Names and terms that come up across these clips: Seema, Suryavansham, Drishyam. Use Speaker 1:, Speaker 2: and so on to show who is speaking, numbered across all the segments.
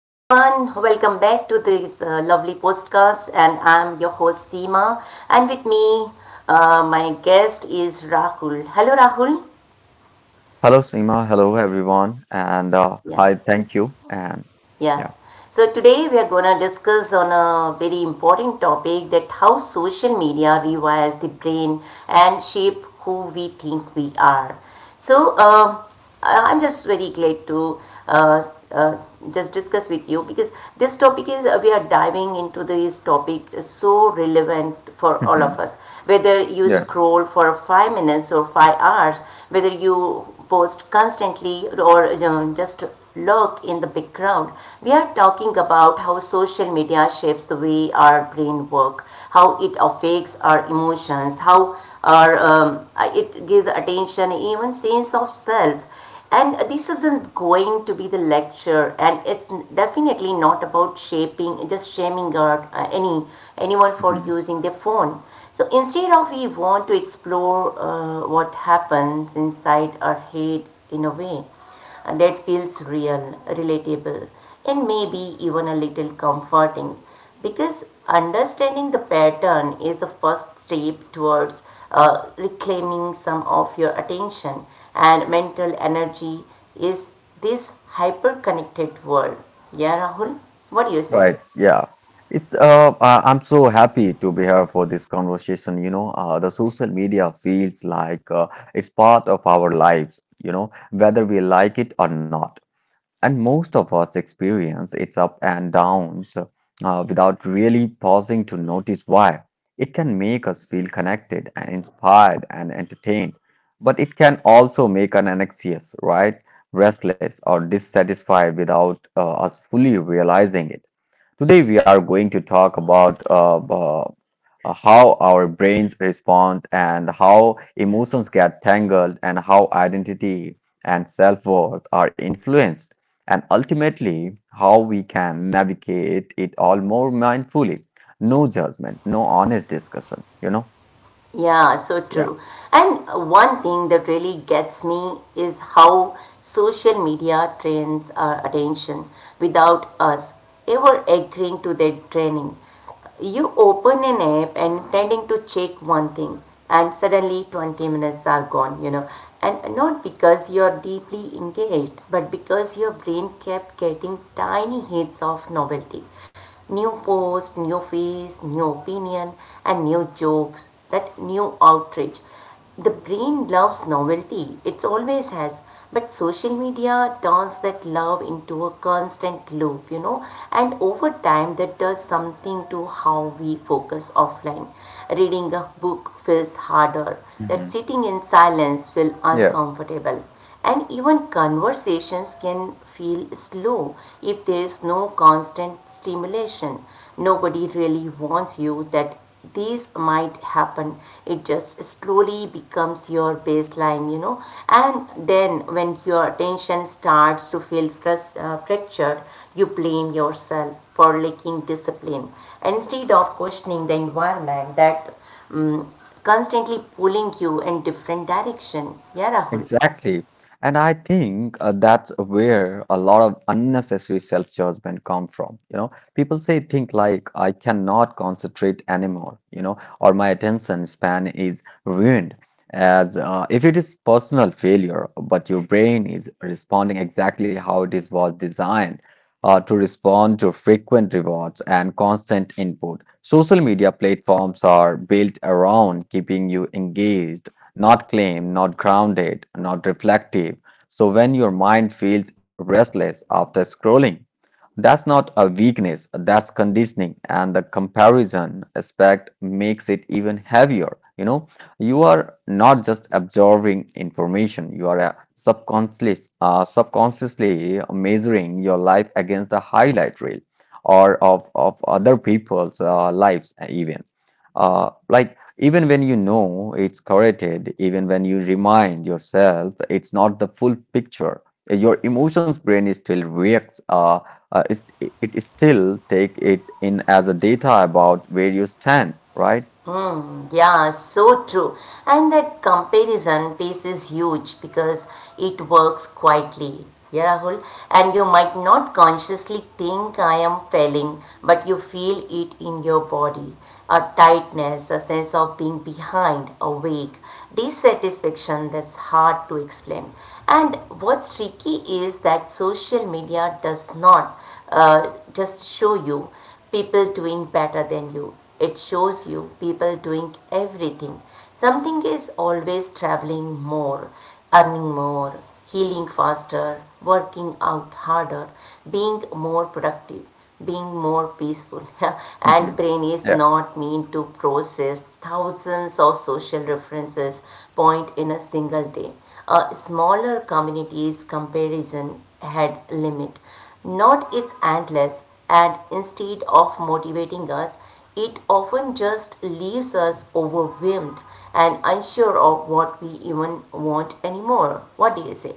Speaker 1: welcome back to this lovely podcast, and I'm your host Seema, and with me, my guest is Rahul. Hello, Rahul.
Speaker 2: Hello, Seema. Hello, everyone. And
Speaker 1: Yeah.
Speaker 2: hi, thank you. And
Speaker 1: Yeah.
Speaker 2: yeah.
Speaker 1: So today we are going to discuss on a very important topic that how social media rewires the brain and shape who we think we are. So I'm just very glad to uh, uh, just discuss with you because this topic is we are diving into this topic is so relevant for all
Speaker 2: Mhm.
Speaker 1: of us. Whether you
Speaker 2: yeah,
Speaker 1: scroll for 5 minutes or 5 hours, whether you post constantly or just lurk in the background. We are talking about how social media shapes the way our brain works, how it affects our emotions, how our it gives attention, even sense of self. And this isn't going to be the lecture, and it's definitely not about shaping, just shaming or anyone for
Speaker 2: Mhm.
Speaker 1: using their phone. So instead of we want to explore what happens inside our head in a way and that feels real, relatable, and maybe even a little comforting because understanding the pattern is the first step towards reclaiming some of your attention and mental energy is this hyper connected world. Yeah, Rahul, what do you say?
Speaker 2: Right. Yeah, I'm so happy to be here for this conversation. You know, the social media feels like it's part of our lives, you know, whether we like it or not. And most of us experience its up and downs without really pausing to notice why. It can make us feel connected and inspired and entertained, but it can also make us anxious, right? Restless or dissatisfied without us fully realizing it. Today, we are going to talk about how our brains respond and how emotions get tangled and how identity and self-worth are influenced, and ultimately how we can navigate it all more mindfully. No judgment, no honest discussion, you know.
Speaker 1: Yeah, so
Speaker 2: Yeah
Speaker 1: true. And one thing that really gets me is how social media trains our attention without us ever agreeing to their training. You open an app and intending to check one thing, and suddenly 20 minutes are gone. You know. And not because you're deeply engaged, but because your brain kept getting tiny hits of novelty, new post, new face, new opinion, and new jokes, that new outrage. The brain loves novelty, it always has. But social media turns that love into a constant loop, you know, and over time that does something to how we focus offline. Reading a book feels harder, that
Speaker 2: Mhm.
Speaker 1: sitting in silence feels uncomfortable, and even conversations can feel slow if there is no constant stimulation. Nobody really warns you that these might happen. It just slowly becomes your baseline. You know. And then when your attention starts to feel fractured, you blame yourself for lacking discipline instead of questioning the environment that um, constantly pulling you in different direction. Yeah, Rahul.
Speaker 2: Exactly. And I think that's where a lot of unnecessary self-judgment come from. You know, people say think like I cannot concentrate anymore, you know, or my attention span is ruined, as if it is personal failure, but your brain is responding exactly how it is was designed to respond to frequent rewards and constant input. Social media platforms are built around keeping you engaged, not calm, not grounded, not reflective. So when your mind feels restless after scrolling, that's not a weakness, that's conditioning, and the comparison aspect makes it even heavier. You know, you are not just absorbing information, you are subconsciously measuring your life against a highlight reel, or of other people's lives, even. Like even when you know it's corrected, even when you remind yourself it's not the full picture, your emotions brain is still reacts. It still take it in as a data about where you stand, right?
Speaker 1: Hmm, yeah, so true. And that comparison piece is huge because it works quietly. Yeah, Rahul. And you might not consciously think I am failing, but you feel it in your body. A tightness, a sense of being behind, awake, dissatisfaction that's hard to explain. And what's tricky is that social media does not just show you people doing better than you. It shows you people doing everything. Something is always traveling more, earning more, healing faster, working out harder, being more productive, being more peaceful. And
Speaker 2: Mhm.
Speaker 1: brain is
Speaker 2: Yeah.
Speaker 1: not meant to process thousands of social references point in a single day. A smaller community's comparison head limit not its endless, and instead of motivating us, it often just leaves us overwhelmed and unsure of what we even want anymore. What do you say?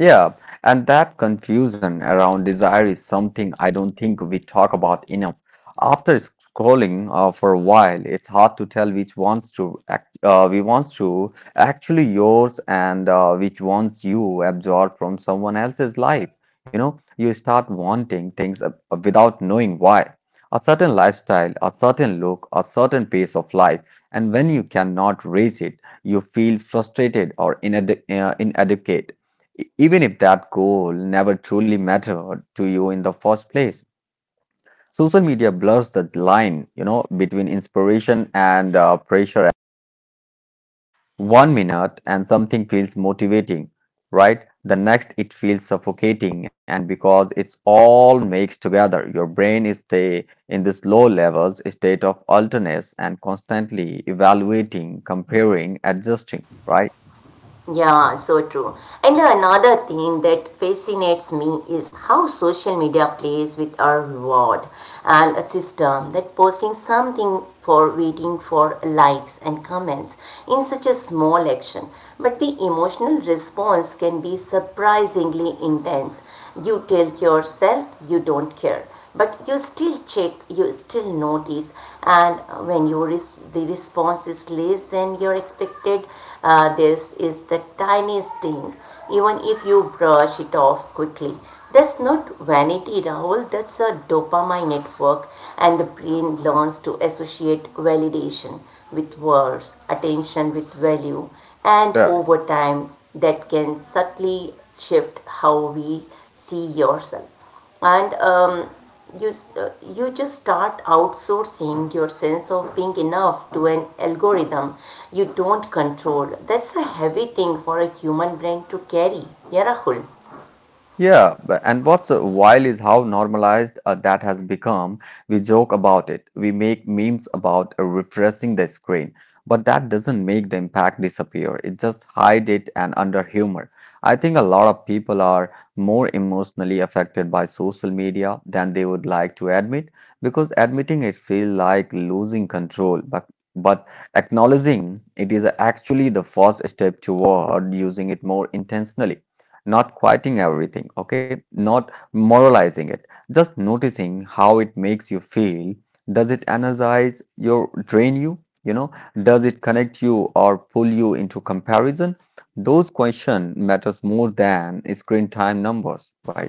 Speaker 2: Yeah, and that confusion around desire is something I don't think we talk about enough. After scrolling for a while, it's hard to tell which ones to act, we wants to actually yours and which ones you absorb from someone else's life. You know, you start wanting things without knowing why. A certain lifestyle, a certain look, a certain pace of life, and when you cannot raise it, you feel frustrated or inadequate, even if that goal never truly mattered to you in the first place. Social media blurs the line, you know, between inspiration and pressure. One minute and something feels motivating, right? The next it feels suffocating, and because it's all mixed together, your brain is stay in this low levels state of alertness and constantly evaluating, comparing, adjusting, right?
Speaker 1: Yeah, so true. And another thing that fascinates me is how social media plays with our reward and a system that posting something for waiting for likes and comments in such a small action. But the emotional response can be surprisingly intense. You tell yourself you don't care, but you still check, you still notice. And when the response is less than your expected, this is the tiny sting, even if you brush it off quickly. That's not vanity, Rahul, that's a dopamine network. And the brain learns to associate validation with words, attention with value, and over time that can subtly shift how we see yourself. And you, uh, you just start outsourcing your sense of being enough to an algorithm you don't control. That's a heavy thing for a human brain to carry. Yeah, Rahul.
Speaker 2: Yeah, but and what's wild is how normalized that has become. We joke about it. We make memes about refreshing the screen, but that doesn't make the impact disappear. It just hide it and under humor. I think a lot of people are more emotionally affected by social media than they would like to admit because admitting it feels like losing control, but but acknowledging it is actually the first step toward using it more intentionally, not quieting everything, okay? Not moralizing it, just noticing how it makes you feel. Does it energize you, drain you? You know, does it connect you or pull you into comparison? Those question matters more than screen time numbers, right?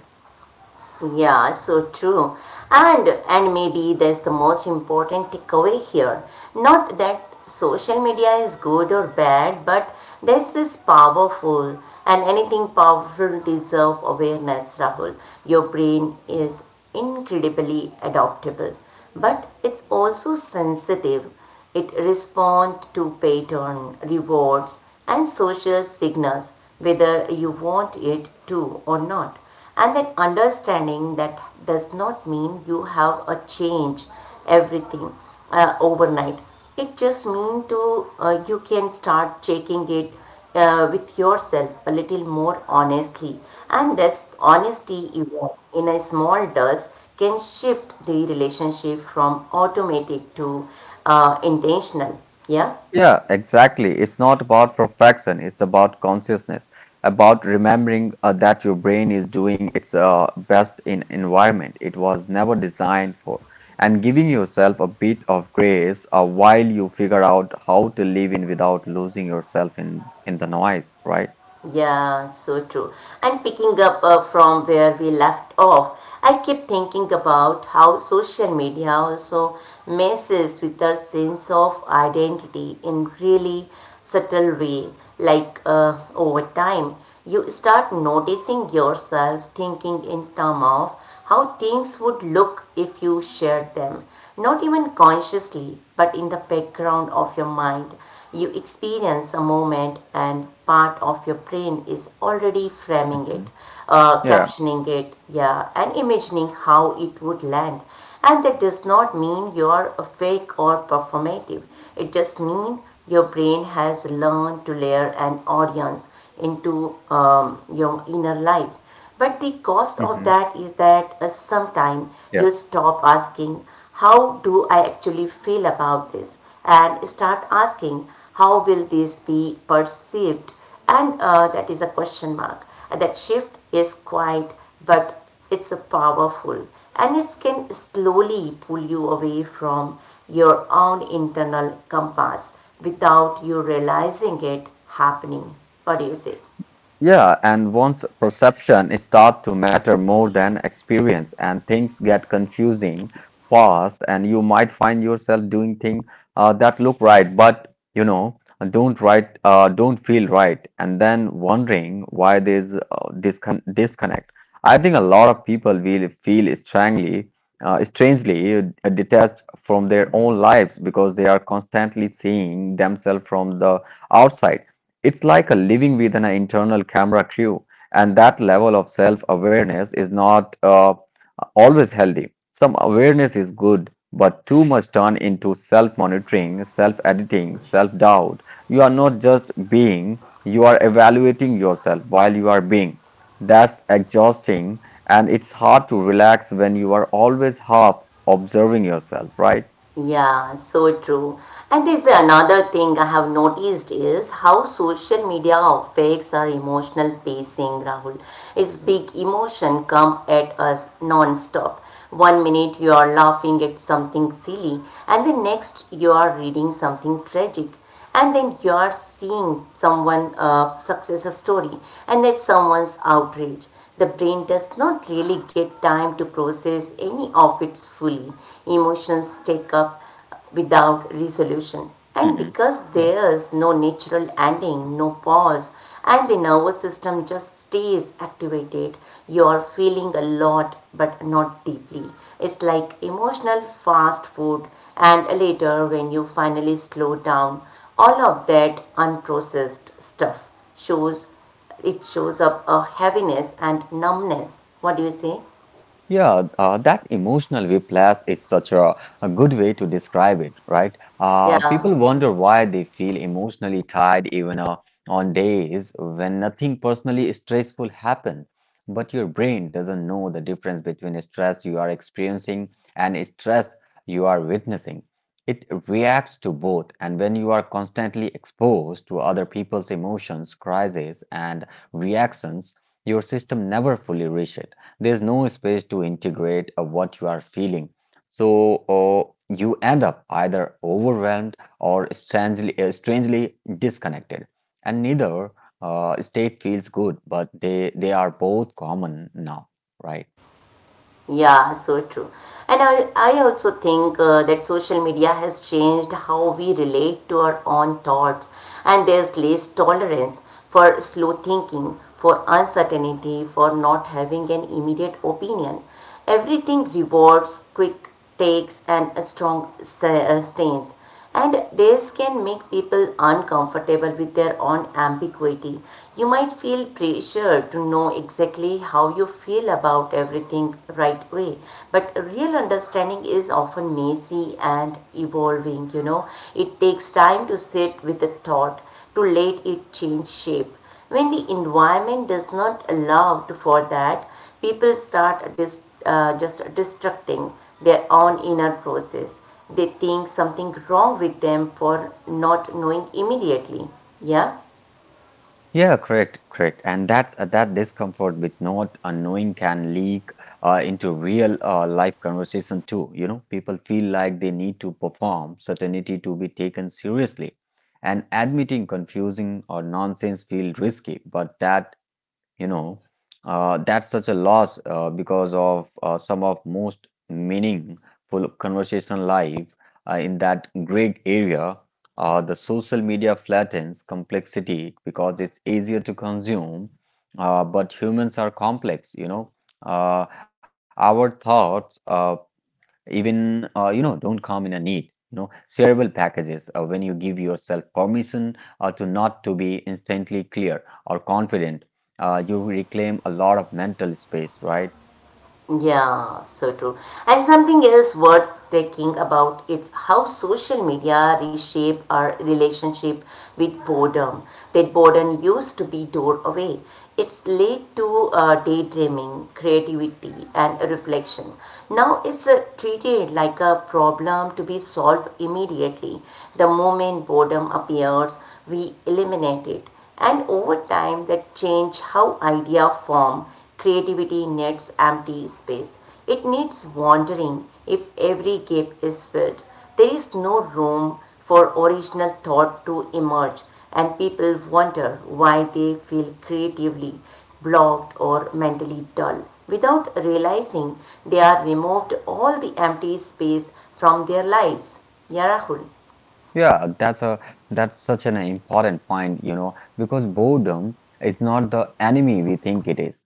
Speaker 1: Yeah, so true. And maybe that's the most important takeaway here. Not that social media is good or bad, but this is powerful, and anything powerful deserves awareness, Rahul. Your brain is incredibly adaptable, but it's also sensitive. It responds to pattern, rewards, and social signals, whether you want it to or not. And that understanding that does not mean you have a change everything overnight. It just means to you can start checking it with yourself a little more honestly. And this honesty evolve in a small dose can shift the relationship from automatic to intentional. Yeah.
Speaker 2: Yeah, exactly. It's not about perfection. It's about consciousness, about remembering that your brain is doing its best in environment it was never designed for, and giving yourself a bit of grace while you figure out how to live in without losing yourself in the noise, right?
Speaker 1: Yeah, so true. And picking up from where we left off, I keep thinking about how social media also messes with our sense of identity in really subtle way. Like over time, you start noticing yourself thinking in terms of how things would look if you shared them, not even consciously, but in the background of your mind, you experience a moment and part of your brain is already framing it,
Speaker 2: Yeah.
Speaker 1: captioning it, yeah, and imagining how it would land. And that does not mean you are fake or performative. It just means your brain has learned to layer an audience into your inner life. But the cost of that is that sometime you
Speaker 2: Mhm.
Speaker 1: stop asking, how do I actually feel about this? And start asking, how will this be perceived? And that is a question mark. And that shift is quiet, but it's a powerful. And it can slowly pull you away from your own internal compass without you realizing it happening. What do you say?
Speaker 2: Yeah, and once perception start to matter more than experience and things get confusing fast, and you might find yourself doing things that look right but you know don't right don't feel right and then wondering why there's this disconnect. I think a lot of people will feel strangely detached from their own lives because they are constantly seeing themselves from the outside. It's like a living with an internal camera crew, and that level of self-awareness is not always healthy. Some awareness is good, but too much turn into self-monitoring, self-editing, self-doubt. You are not just being, you are evaluating yourself while you are being. That's exhausting, and it's hard to relax when you are always half observing yourself, right?
Speaker 1: Yeah, so true. And there's another thing I have noticed is how social media affects our emotional pacing, Rahul. It's big emotion come at us non-stop. One minute you are laughing at something silly, and the next you are reading something tragic, and then you are seeing someone success story and that someone's outrage. The brain does not really get time to process any of it fully. Emotions take up without resolution, and
Speaker 2: Mhm.
Speaker 1: because there's no natural ending, no pause, and the nervous system just stays activated. You are feeling a lot but not deeply. It's like emotional fast food. And later when you finally slow down, all of that unprocessed stuff shows, it shows up a heaviness and numbness. What do you say?
Speaker 2: Yeah, that emotional whiplash is such a good way to describe it, right?
Speaker 1: Yeah.
Speaker 2: People wonder why they feel emotionally tired even on days when nothing personally stressful happened. But your brain doesn't know the difference between stress you are experiencing and stress you are witnessing. It reacts to both, and when you are constantly exposed to other people's emotions, crises, and reactions, your system never fully reaches it. There's no space to integrate what you are feeling. So you end up either overwhelmed or strangely disconnected. And neither state feels good, but they are both common now, right?
Speaker 1: Yeah, so true. And I also think that social media has changed how we relate to our own thoughts. And there's less tolerance for slow thinking, for uncertainty, for not having an immediate opinion. Everything rewards quick takes and a strong stains. And this can make people uncomfortable with their own ambiguity. You might feel pressure to know exactly how you feel about everything right away, but real understanding is often messy and evolving. You know. It takes time to sit with a thought, to let it change shape. When the environment does not allow for that, people start dis, just destructing their own inner process. They think something wrong with them for not knowing immediately. Yeah.
Speaker 2: Yeah, correct, correct. And that's that discomfort with not unknowing can leak into real life conversation too. You know, people feel like they need to perform certainty to be taken seriously. And admitting confusing or nonsense feel risky, but that, you know, that's such a loss because of some of most meaningful conversation live in that gray area. The social media flattens complexity because it's easier to consume, but humans are complex, you know. uh, our thoughts, even, you know, don't come in a need, you know, shareable packages. When you give yourself permission to not to be instantly clear or confident, you reclaim a lot of mental space, right?
Speaker 1: Yeah, so true. And something else worth thinking about is how social media reshape our relationship with boredom. That boredom used to be door away. It's led to daydreaming, creativity, and reflection. Now it's treated like a problem to be solved immediately. The moment boredom appears, we eliminate it, and over time that change how idea form. Creativity needs empty space, it needs wandering. If every gap is filled, there is no room for original thought to emerge. And people wonder why they feel creatively blocked or mentally dull without realizing they are removed all the empty space from their lives, yarahul
Speaker 2: Yeah, that's a that's such an important point, you know, because boredom is not the enemy we think it is.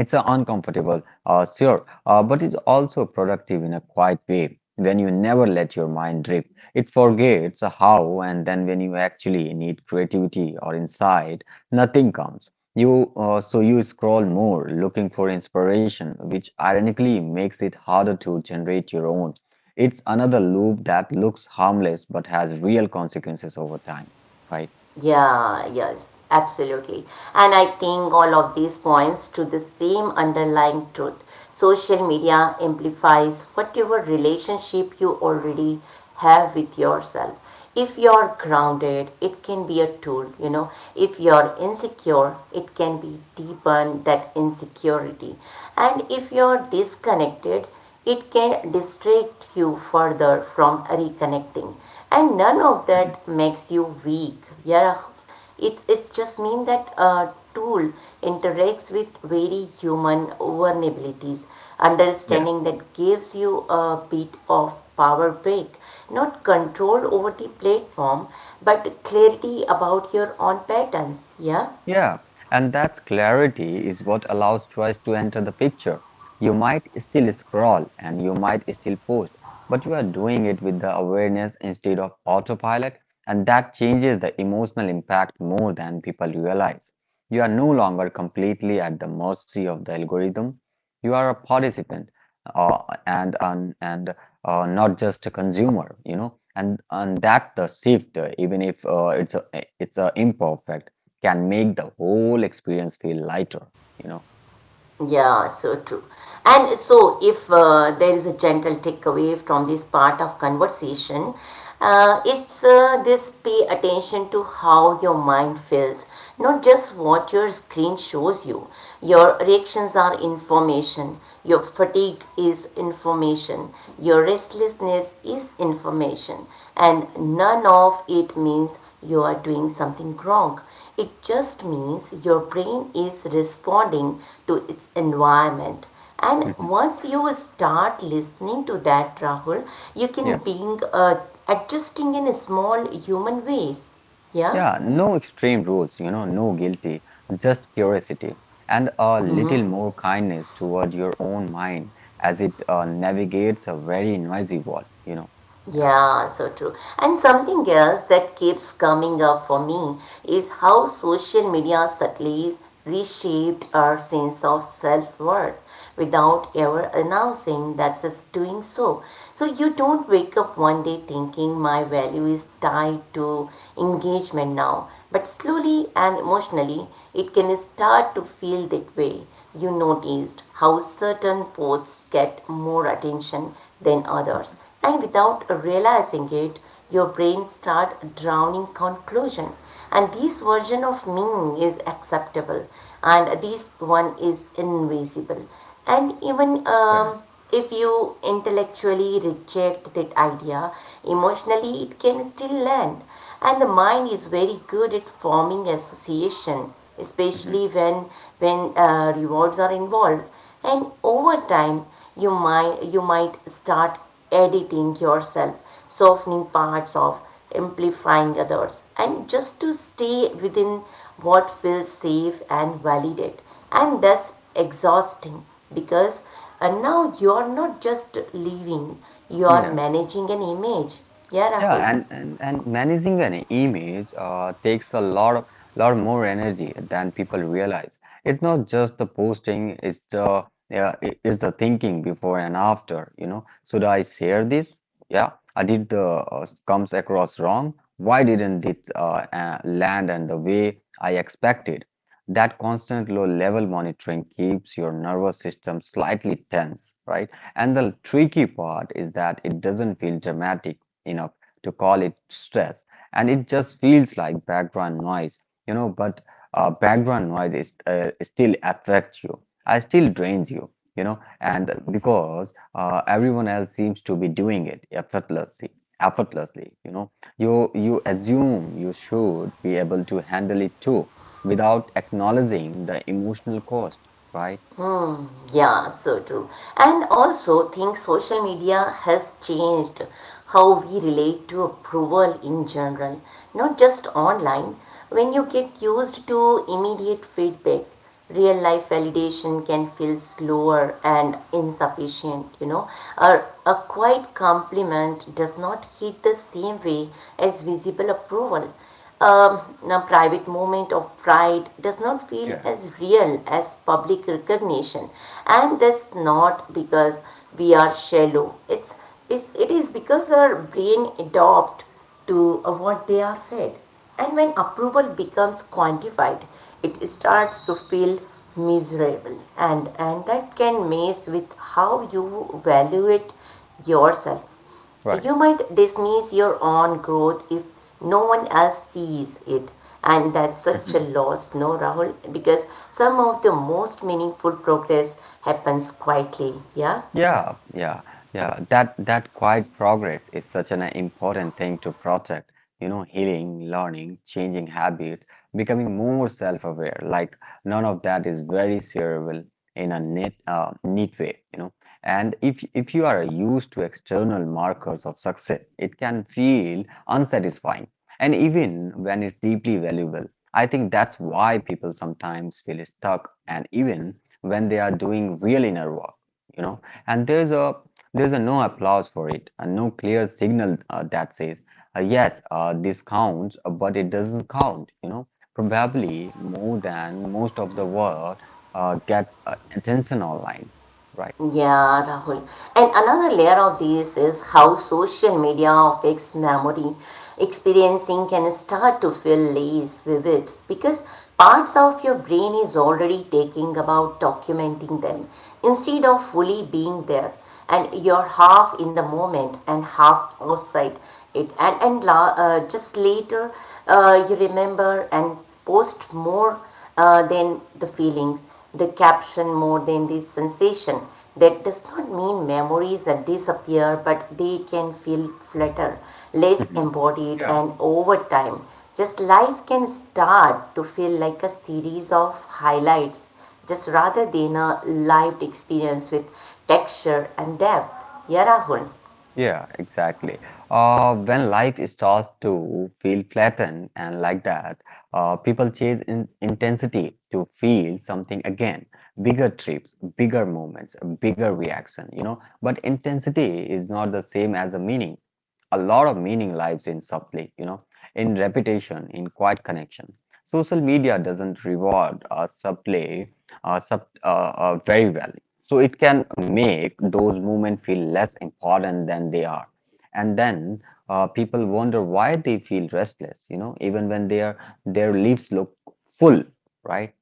Speaker 2: It's uncomfortable, sure, but it's also productive in a quiet way. When you never let your mind drift, it forgets how, and then when you actually need creativity or insight, nothing comes. You so you scroll more, looking for inspiration, which ironically makes it harder to generate your own. It's another loop that looks harmless but has real consequences over time, right?
Speaker 1: Yeah, yes, absolutely. And I think all of these points to the same underlying truth. Social media amplifies whatever relationship you already have with yourself. If you're grounded, it can be a tool. You know. If you're insecure, it can be deepen that insecurity. And if you're disconnected, it can distract you further from reconnecting, and none of
Speaker 2: Mhm.
Speaker 1: that makes you weak. Yeah, it just means that a tool interacts with very human vulnerabilities.
Speaker 2: Yeah.
Speaker 1: Understanding that gives you a bit of power back, not control over the platform, but clarity about your own patterns. Yeah.
Speaker 2: Yeah, and that clarity is what allows choice to enter the picture. You might still scroll and you might still post, but you are doing it with the awareness instead of autopilot, and that changes the emotional impact more than people realize. You are no longer completely at the mercy of the algorithm. You are a participant, and not just a consumer, you know, and that the shift, even if it's a imperfect, can make the whole experience feel lighter, you know.
Speaker 1: Yeah, so true. And so, if there is a gentle takeaway from this part of conversation, it's this pay attention to how your mind feels, not just what your screen shows you. Your reactions are information, your fatigue is information, your restlessness is information, and none of it means you are doing something wrong. It just means your brain is responding to its environment. And
Speaker 2: Mhm.
Speaker 1: once you start listening to that, Rahul, you
Speaker 2: Yeah.
Speaker 1: can being adjusting in small human ways. Yeah.
Speaker 2: Yeah, no extreme rules, you know, no guilty, just curiosity and a little
Speaker 1: Hmm.
Speaker 2: more kindness toward your own mind as it navigates a very noisy world, you know. Yeah.
Speaker 1: Yeah, so true. And something else that keeps coming up for me is how social media subtly reshaped our sense of self worth without ever announcing that it's doing so. So you don't wake up one day thinking my value is tied to engagement now, but slowly and emotionally it can start to feel that way. You noticed how certain posts get more attention than others, and without realizing it, your brain starts drowning conclusion and this version of me is acceptable and this one is invisible and even
Speaker 2: Yeah.
Speaker 1: if you intellectually reject that idea emotionally it can still land. And the mind is very good at forming association,
Speaker 2: Hmm.
Speaker 1: especially when rewards are involved. And over time you might start editing yourself, softening parts of, amplifying others, and just to stay within what feels safe and validate. And that's exhausting because now you are not just living, you are managing an image. Yeah, Rahul.
Speaker 2: Yeah, and managing an image takes a lot more energy than people realize. It's not just the posting, it's the, yeah, it's the thinking before and after, you know. Should I share this? Yeah, I did the comes across wrong. Why didn't it land and the way I expected? That constant low level monitoring keeps your nervous system slightly tense, right? And the tricky part is that it doesn't feel dramatic enough to call it stress, and it just feels like background noise, you know. But background noise is still affects you. I still drains you, you know, and because everyone else seems to be doing it effortlessly, you know. You assume you should be able to handle it too, without acknowledging the emotional cost, right?
Speaker 1: Hmm, yeah, so true. And also think social media has changed how we relate to approval in general, not just online. When you get used to immediate feedback, real life validation can feel slower and insufficient, you know. Or a quiet compliment does not hit the same way as visible approval. um, Now private moment of pride does not feel
Speaker 2: Yeah,
Speaker 1: as real as public recognition, and that's not because we are shallow. It's it is because our brain adopt to what they are fed. And when approval becomes quantified it starts to feel miserable, and that can mess with how you evaluate yourself. You
Speaker 2: right.
Speaker 1: might dismiss your own growth if no one else sees it, and that's such a loss, no, Rahul? Because some of the most meaningful progress happens quietly, yeah?
Speaker 2: Yeah, yeah, yeah. That quiet progress is such an important thing to protect. You know, healing, learning, changing habits, becoming more self-aware. Like none of that is very shareable in a neat way. You know, and if you are used to external markers of success, it can feel unsatisfying. And even when it's deeply valuable, I think that's why people sometimes feel stuck, and even when they are doing real inner work. You know, and there's a no applause for it and no clear signal that says yes, this counts, but it doesn't count, you know, probably more than most of the world gets attention online, right?
Speaker 1: Yeah, Rahul. And another layer of this is how social media affects memory. Experiencing can start to feel less vivid because parts of your brain is already taking about documenting them instead of fully being there. And you're half in the moment and half outside it. Just later you remember and post more than the feelings, the caption more than the sensation. That does not mean memories that disappear, but they can feel flatter, less
Speaker 2: Mhm.
Speaker 1: embodied,
Speaker 2: Yeah.
Speaker 1: and over time just life can start to feel like a series of highlights just rather than a lived experience with texture and depth. Yeah, Rahul.
Speaker 2: Yeah, exactly. When life starts to feel flattened and like that, people chase in intensity to feel something again. Bigger trips, bigger moments, a bigger reaction, you know. But intensity is not the same as a meaning. A lot of meaning lives in subtly, you know, in repetition, in quiet connection. Social media doesn't reward subtly uh, sub, uh, very well. So it can make those movements feel less important than they are. And then people wonder why they feel restless, you know, even when their leaves look full, right?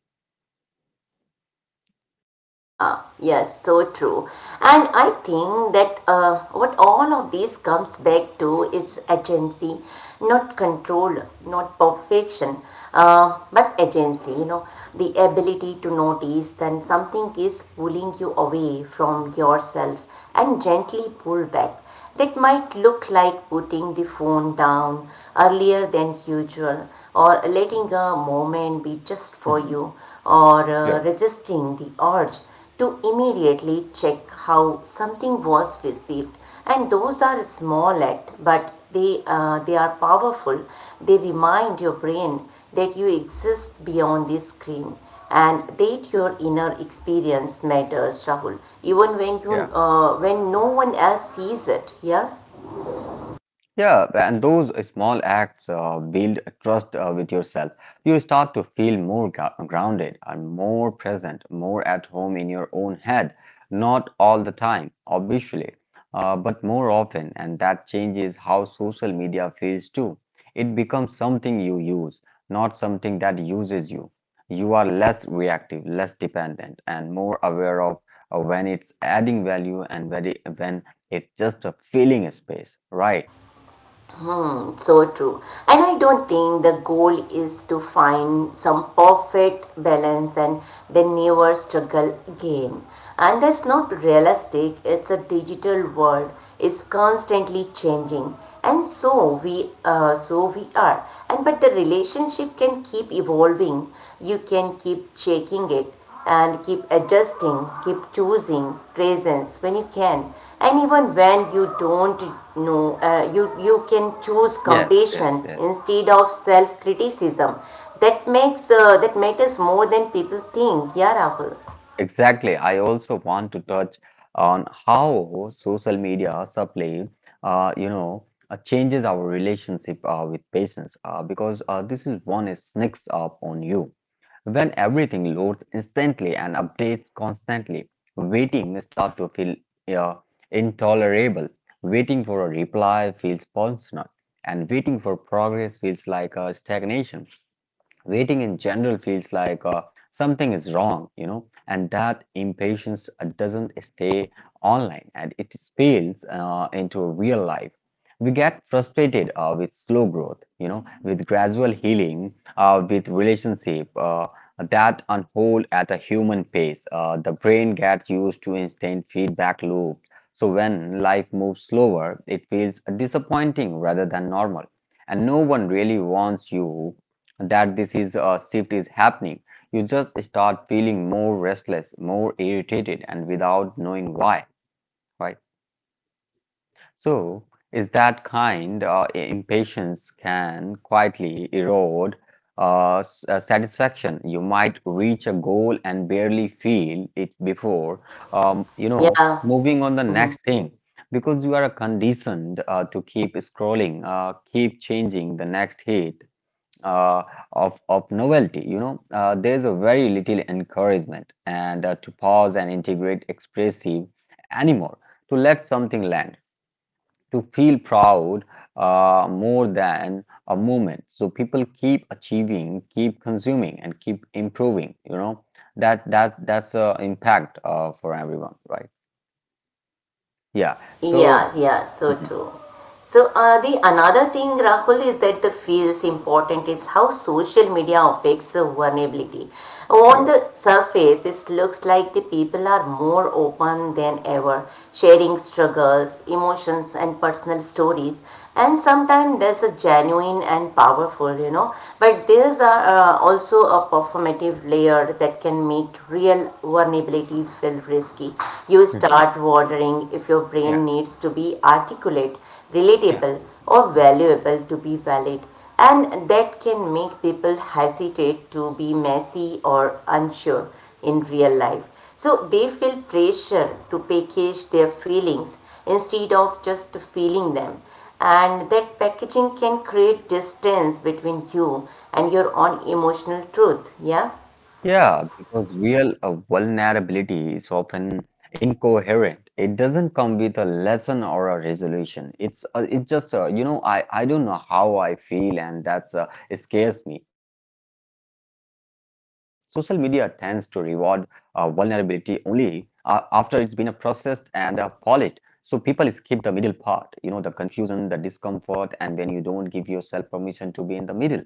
Speaker 1: Yeah, yes, so true. And I think that what all of this comes back to is agency, not control, not perfection, but agency, you know, the ability to notice that something is pulling you away from yourself and gently pull back. That might look like putting the phone down earlier than usual, or letting a moment be just for
Speaker 2: Mhm.
Speaker 1: you, or
Speaker 2: Yeah.
Speaker 1: resisting the urge to immediately check how something was received. And those are small acts, but they are powerful. They remind your brain that you exist beyond this screen and that your inner experience matters, Rahul, even when you
Speaker 2: Yeah.
Speaker 1: when no one else sees it. Yeah.
Speaker 2: Yeah, and those small acts build trust with yourself. You start to feel more grounded and more present, more at home in your own head. Not all the time, obviously, but more often, and that changes how social media feels too. It becomes something you use, not something that uses you. You are less reactive, less dependent, and more aware of when it's adding value and when it's just a filling space, right?
Speaker 1: Hmm, so true. And I don't think the goal is to find some perfect balance and then never struggle again. And that's not realistic. It's a digital world. It's constantly changing. And so we are. And but the relationship can keep evolving. You can keep checking it and keep adjusting, keep choosing presence when you can. And even when you don't know, you can choose
Speaker 2: Yes, yes,
Speaker 1: compassion
Speaker 2: yes.
Speaker 1: instead of self criticism. That makes that matters more than people think. Yeah, Rahul.
Speaker 2: Exactly. I also want to touch on how social media subtly, changes our relationship with patients because this is one is sneaks up on you. When everything loads instantly and updates constantly, waiting start to feel uh, intolerable. Waiting for a reply feels personal, and waiting for progress feels like a stagnation. Waiting in general feels like something is wrong, you know, and that impatience doesn't stay online and it spills into real life. We get frustrated with slow growth, you know, with gradual healing, with relationship that unfold at a human pace. The brain gets used to instant feedback loops. So when life moves slower, it feels disappointing rather than normal, and no one really wants you that this is a shift is happening, you just start feeling more restless, more irritated, and without knowing why, right? So, is that kind impatience can quietly erode satisfaction. You might reach a goal and barely feel it before, um, you know,
Speaker 1: Yeah.
Speaker 2: moving on the
Speaker 1: Mhm.
Speaker 2: next thing. Because you are conditioned to keep scrolling, keep changing the next hit, uh, of novelty. You know, there's a very little encouragement and to pause and integrate expressive anymore, to let something land, to feel proud more than a moment. So people keep achieving, keep consuming, and keep improving. You know, that's a impact for everyone, right? Yeah. So
Speaker 1: Yeah, yeah, so
Speaker 2: mhm.
Speaker 1: true. So the another thing, Rahul, is that the feels important is how social media affects the vulnerability. On
Speaker 2: Sure.
Speaker 1: the surface, it looks like the people are more open than ever, sharing struggles, emotions, and personal stories, and sometimes there's a genuine and powerful, you know. But also a performative layer that can make real vulnerability feel risky. You
Speaker 2: Mhm.
Speaker 1: start wondering if your brain needs to be articulate,
Speaker 2: Yeah.
Speaker 1: relatable, or valuable to be valid, and that can make people hesitate to be messy or unsure in real life, so they feel pressure to package their feelings instead of just feeling them. And that packaging can create distance between you and your own emotional truth. Yeah?
Speaker 2: Yeah, because real vulnerability is often incoherent. It doesn't come with a lesson or a resolution. It's just you know, I don't know how I feel, and that's it scares me. Social media tends to reward vulnerability only after it's been processed and polished. So people skip the middle part, you know, the confusion, the discomfort, and when you don't give yourself permission to be in the middle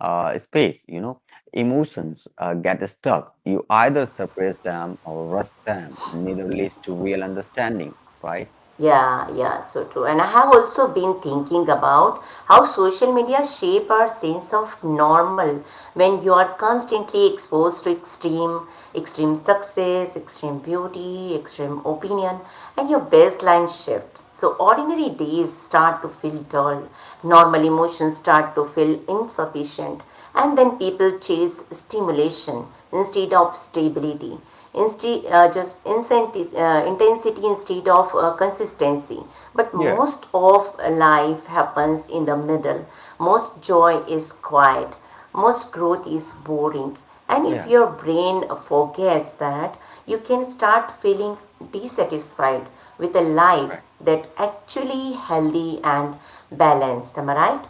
Speaker 2: space, you know. Emotions get stuck. You either suppress them or rush them. Neither leads to real understanding, right?
Speaker 1: Yeah, yeah, so true. And I have also been thinking about how social media shape our sense of normal when you are constantly exposed to extreme, extreme success, extreme beauty, extreme opinion, and your baseline shifts. So ordinary days start to feel dull, normal emotions start to feel insufficient, and then people chase stimulation instead of stability, instead just intensity instead of consistency. But
Speaker 2: Yeah,
Speaker 1: most of life happens in the middle. Most joy is quiet. Most growth is boring, and if
Speaker 2: yeah.
Speaker 1: your brain forgets that, you can start feeling dissatisfied with a life that actually healthy and balanced. Am I right?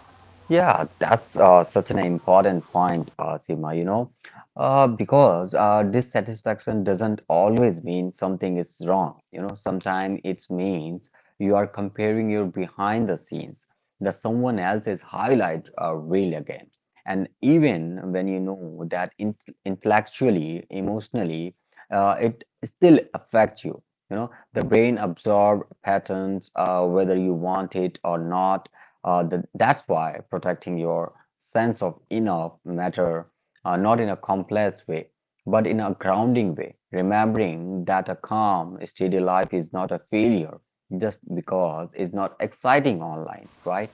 Speaker 2: Yeah, that's such an important point, Seema, you know, because dissatisfaction doesn't always mean something is wrong. You know, sometimes it means you are comparing your behind the scenes, the someone else's highlight reel again. And even when you know that in intellectually, emotionally, it still affects you. You know, the brain absorbs patterns, whether you want it or not. That's why protecting your sense of enough matter, not in a complex way, but in a grounding way. Remembering that a calm, steady life is not a failure just because it's not exciting online, right?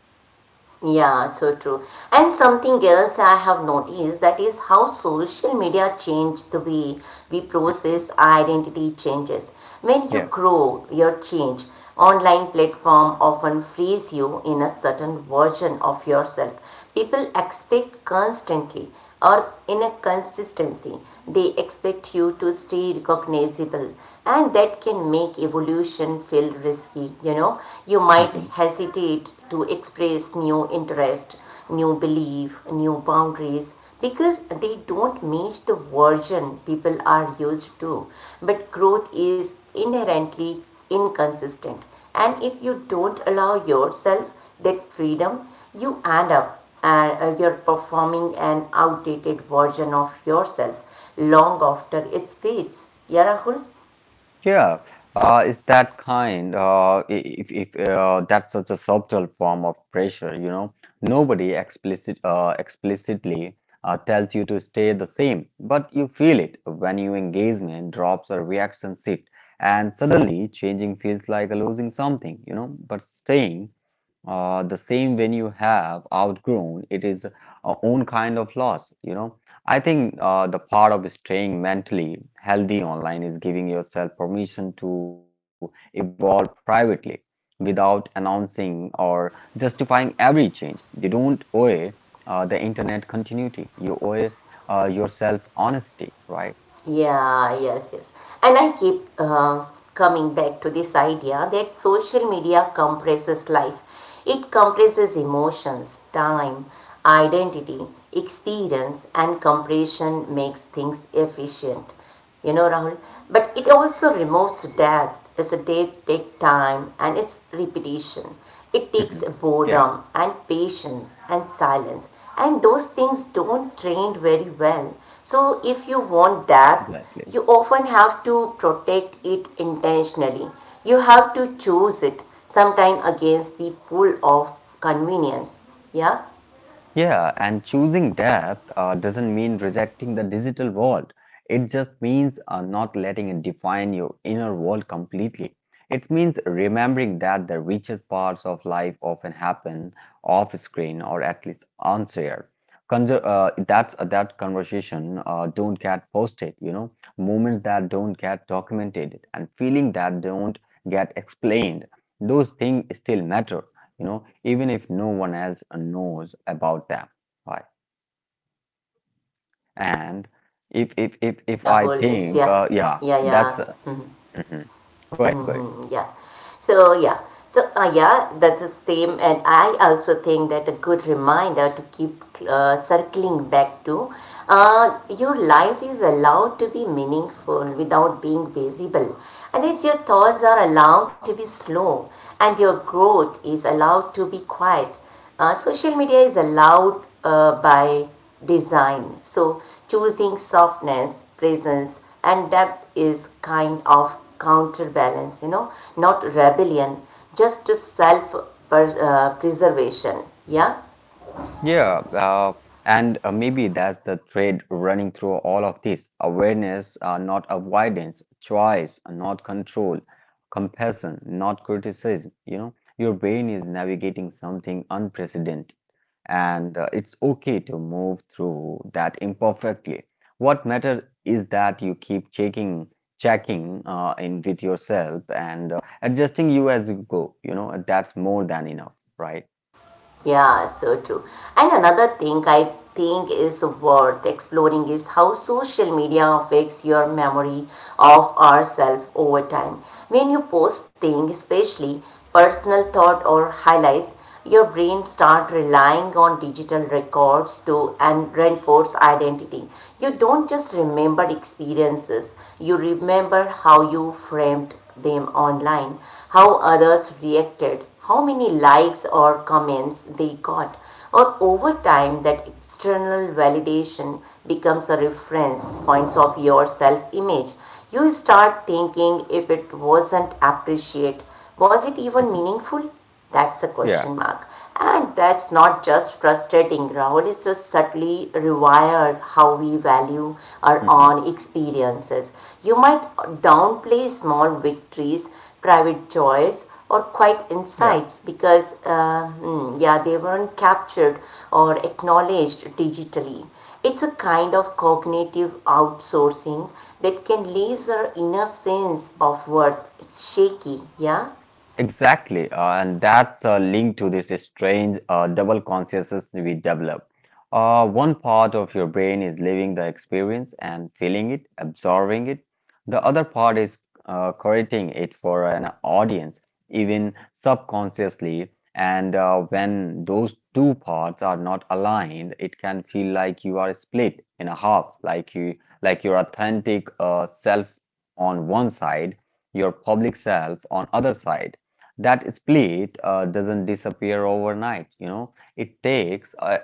Speaker 1: Yeah, so true. And something else I have noticed that is how social media changed the way we
Speaker 2: Mhm.
Speaker 1: process identity changes. When you
Speaker 2: Yeah.
Speaker 1: grow your change, online platform often frees you in a certain version of yourself. People expect constantly or in a consistency. They expect you to stay recognizable, and that can make evolution feel risky. You know, you might
Speaker 2: Mhm.
Speaker 1: hesitate to express new interest, new belief, new boundaries because they don't match the version people are used to. But growth is inherently inconsistent, and if you don't allow yourself that freedom, you end up and you're performing an outdated version of yourself long after it fades. Yeah, Rahul?
Speaker 2: Yeah, it's that kind. I- if that's such a subtle form of pressure, you know, nobody explicitly tells you to stay the same, but you feel it when your engagement drops or reaction shift, and suddenly changing feels like losing something, you know, but staying. The same when you have outgrown, it is a own kind of loss, you know. I think the part of staying mentally healthy online is giving yourself permission to evolve privately without announcing or justifying every change. You don't owe the internet continuity. You owe yourself honesty, right?
Speaker 1: Yeah, yes, yes. And I keep coming back to this idea that social media compresses life. It compresses emotions, time, identity, experience, and compression makes things efficient. You know, Rahul. But it also removes death as a day take time and its repetition. It takes
Speaker 2: Mhm. Yeah.
Speaker 1: boredom and patience and silence. And those things don't train very well. So if you want depth, you often have to protect it intentionally. You have to choose it, sometime against the pull of convenience. Yeah?
Speaker 2: Yeah, and choosing depth doesn't mean rejecting the digital world. It just means not letting it define your inner world completely. It means remembering that the richest parts of life often happen off screen or at least unshared. That conversation don't get posted, you know, moments that don't get documented, and feeling that don't get explained. Those things still matter, you know, even if no one else knows about them, right? And
Speaker 1: Yeah,
Speaker 2: if I
Speaker 1: Rahul. It's-
Speaker 2: think
Speaker 1: Yeah.
Speaker 2: yeah
Speaker 1: Yeah,
Speaker 2: that's
Speaker 1: yeah. Mm-hmm.
Speaker 2: mhm. Go ahead, go ahead.
Speaker 1: Hmm, yeah. So yeah. So yeah, that's the same. And I also think that a good reminder to keep circling back to your life is allowed to be meaningful without being visible, and that your thoughts are allowed to be slow, and your growth is allowed to be quiet. Social media is allowed by design. So choosing softness, presence and depth is kind of counterbalance, you know, not rebellion, just self-preservation. Yeah.
Speaker 2: Yeah, and maybe that's the thread running through all of this. Awareness, not avoidance, choice, not control, compassion, not criticism. You know, your brain is navigating something unprecedented, and it's okay to move through that imperfectly. What matters is that you keep checking, checking in with yourself and adjusting you as you go. You know, that's more than enough, right?
Speaker 1: Yeah, so true. And another thing I think is worth exploring is how social media affects your memory of ourselves over time. When you post things, especially personal thought or highlights, your brain start relying on digital records to and reinforce identity. You don't just remember experiences, you remember how you framed them online, how others reacted, how many likes or comments they got, or over time that external validation becomes a reference points of your self image. You start thinking if it wasn't appreciated, was it even
Speaker 2: Mhm.
Speaker 1: meaningful? That's a
Speaker 2: Yeah.
Speaker 1: question mark. And that's not just frustrating, Rahul. It's just subtly rewired how we value our
Speaker 2: Mhm.
Speaker 1: own experiences. You might downplay small victories, private joys, or quiet
Speaker 2: Yeah.
Speaker 1: insights because, yeah, they weren't captured or acknowledged digitally. It's a kind of cognitive outsourcing that can leave our inner sense of worth shaky, yeah?
Speaker 2: Exactly, and that's a link to this strange double consciousness we develop. One part of your brain is living the experience and feeling it, absorbing it. The other part is creating it for an audience, even subconsciously. And when those two parts are not aligned, it can feel like you are split in a half, like you, like your authentic self on one side, your public self on other side. That split doesn't disappear overnight, you know. It takes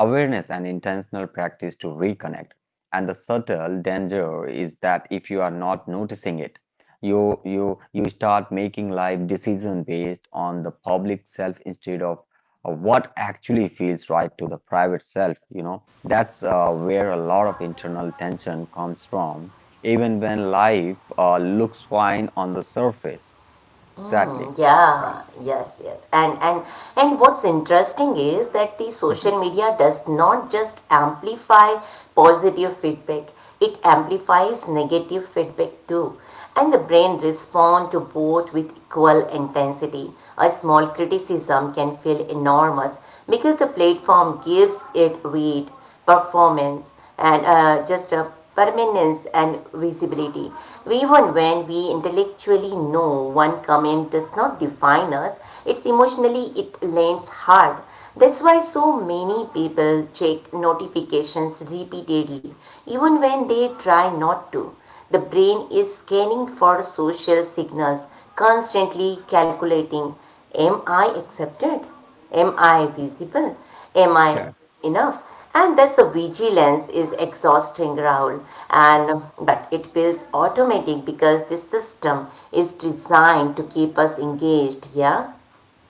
Speaker 2: awareness and intentional practice to reconnect, and the subtle danger is that if you are not noticing it, you start making life decision based on the public self instead of what actually feels right to the private self, you know. That's where a lot of internal tension comes from, even when life looks fine on the surface. Exactly.
Speaker 1: Mm, yeah, yes, yes. And what's interesting is that the social media does not just amplify positive feedback, it amplifies negative feedback too. And the brain responds to both with equal intensity. A small criticism can feel enormous because the platform gives it weight, performance, and just a permanence and visibility. Even when we intellectually know one comment does not define us, it's emotionally it lands hard. That's why so many people check notifications repeatedly, even when they try not to. The brain is scanning for social signals, constantly calculating. Am I accepted? Am I visible? Am I
Speaker 2: Yeah.
Speaker 1: enough? And that's a vigilance is exhausting, Rahul. And but it feels automatic because the system is designed to keep us engaged. Yeah,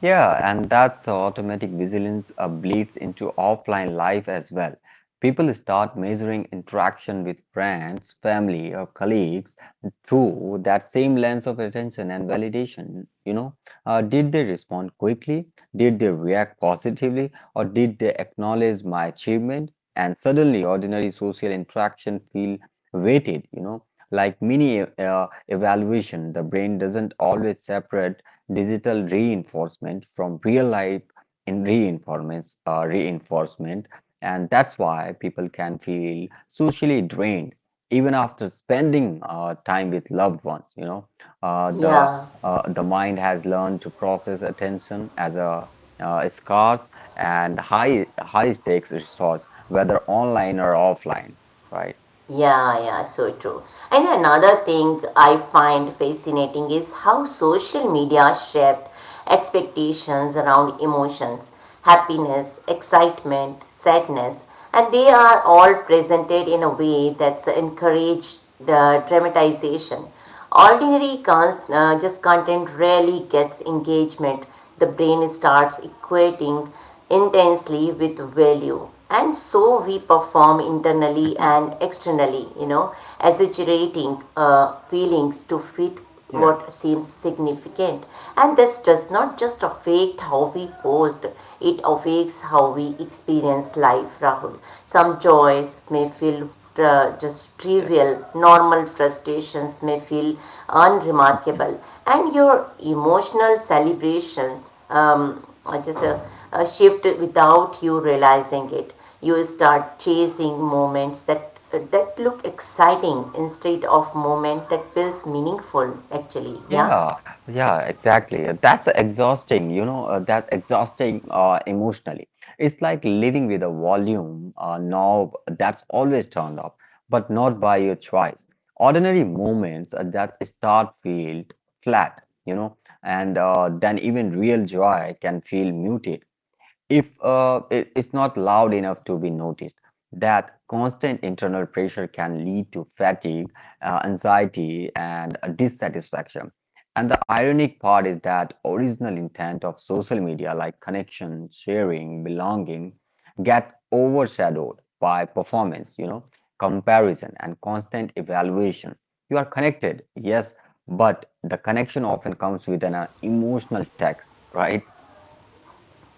Speaker 2: Yeah, and that's how automatic vigilance bleeds into offline life as well. People start measuring interaction with friends, family, or colleagues through that same lens of attention and validation. You know, did they respond quickly? Did they react positively? Or did they acknowledge my achievement? And suddenly, ordinary social interaction feel weighted. You know, like mini evaluation. The brain doesn't always separate digital reinforcement from real life in reinforcement, and that's why people can feel socially drained even after spending time with loved ones, you know. uh, the
Speaker 1: yeah,
Speaker 2: uh, the mind has learned to process attention as a scarce and high stakes resource, whether online or offline, right?
Speaker 1: yeah. So true. And another thing I find fascinating is how social media shaped expectations around emotions, happiness, excitement, sadness, and they are all presented in a way that's encouraged the dramatization. Just content rarely gets engagement. The brain starts equating intensely with value. And so we perform internally
Speaker 2: Mhm.
Speaker 1: and externally, you know, exaggerating feelings to fit
Speaker 2: Yeah.
Speaker 1: what seems significant. And this does not just affect how we post, it affects how we experience life, Rahul. Some joys may feel just trivial, normal frustrations may feel unremarkable, and your emotional celebrations um, just a, a shift without you realizing it. You start chasing moments that look exciting instead of moment that feels meaningful, actually. Yeah,
Speaker 2: Yeah, yeah, exactly. That's exhausting, you know, that's exhausting emotionally. It's like living with a volume knob that's always turned up, but not by your choice. Ordinary moments that start feel flat, you know, and then even real joy can feel muted if it's not loud enough to be noticed. That constant internal pressure can lead to fatigue, anxiety, and dissatisfaction, and the ironic part is that original intent of social media like connection, sharing, belonging gets overshadowed by performance, you know, comparison and constant evaluation. You are connected, yes, but the connection often comes with an emotional text, right?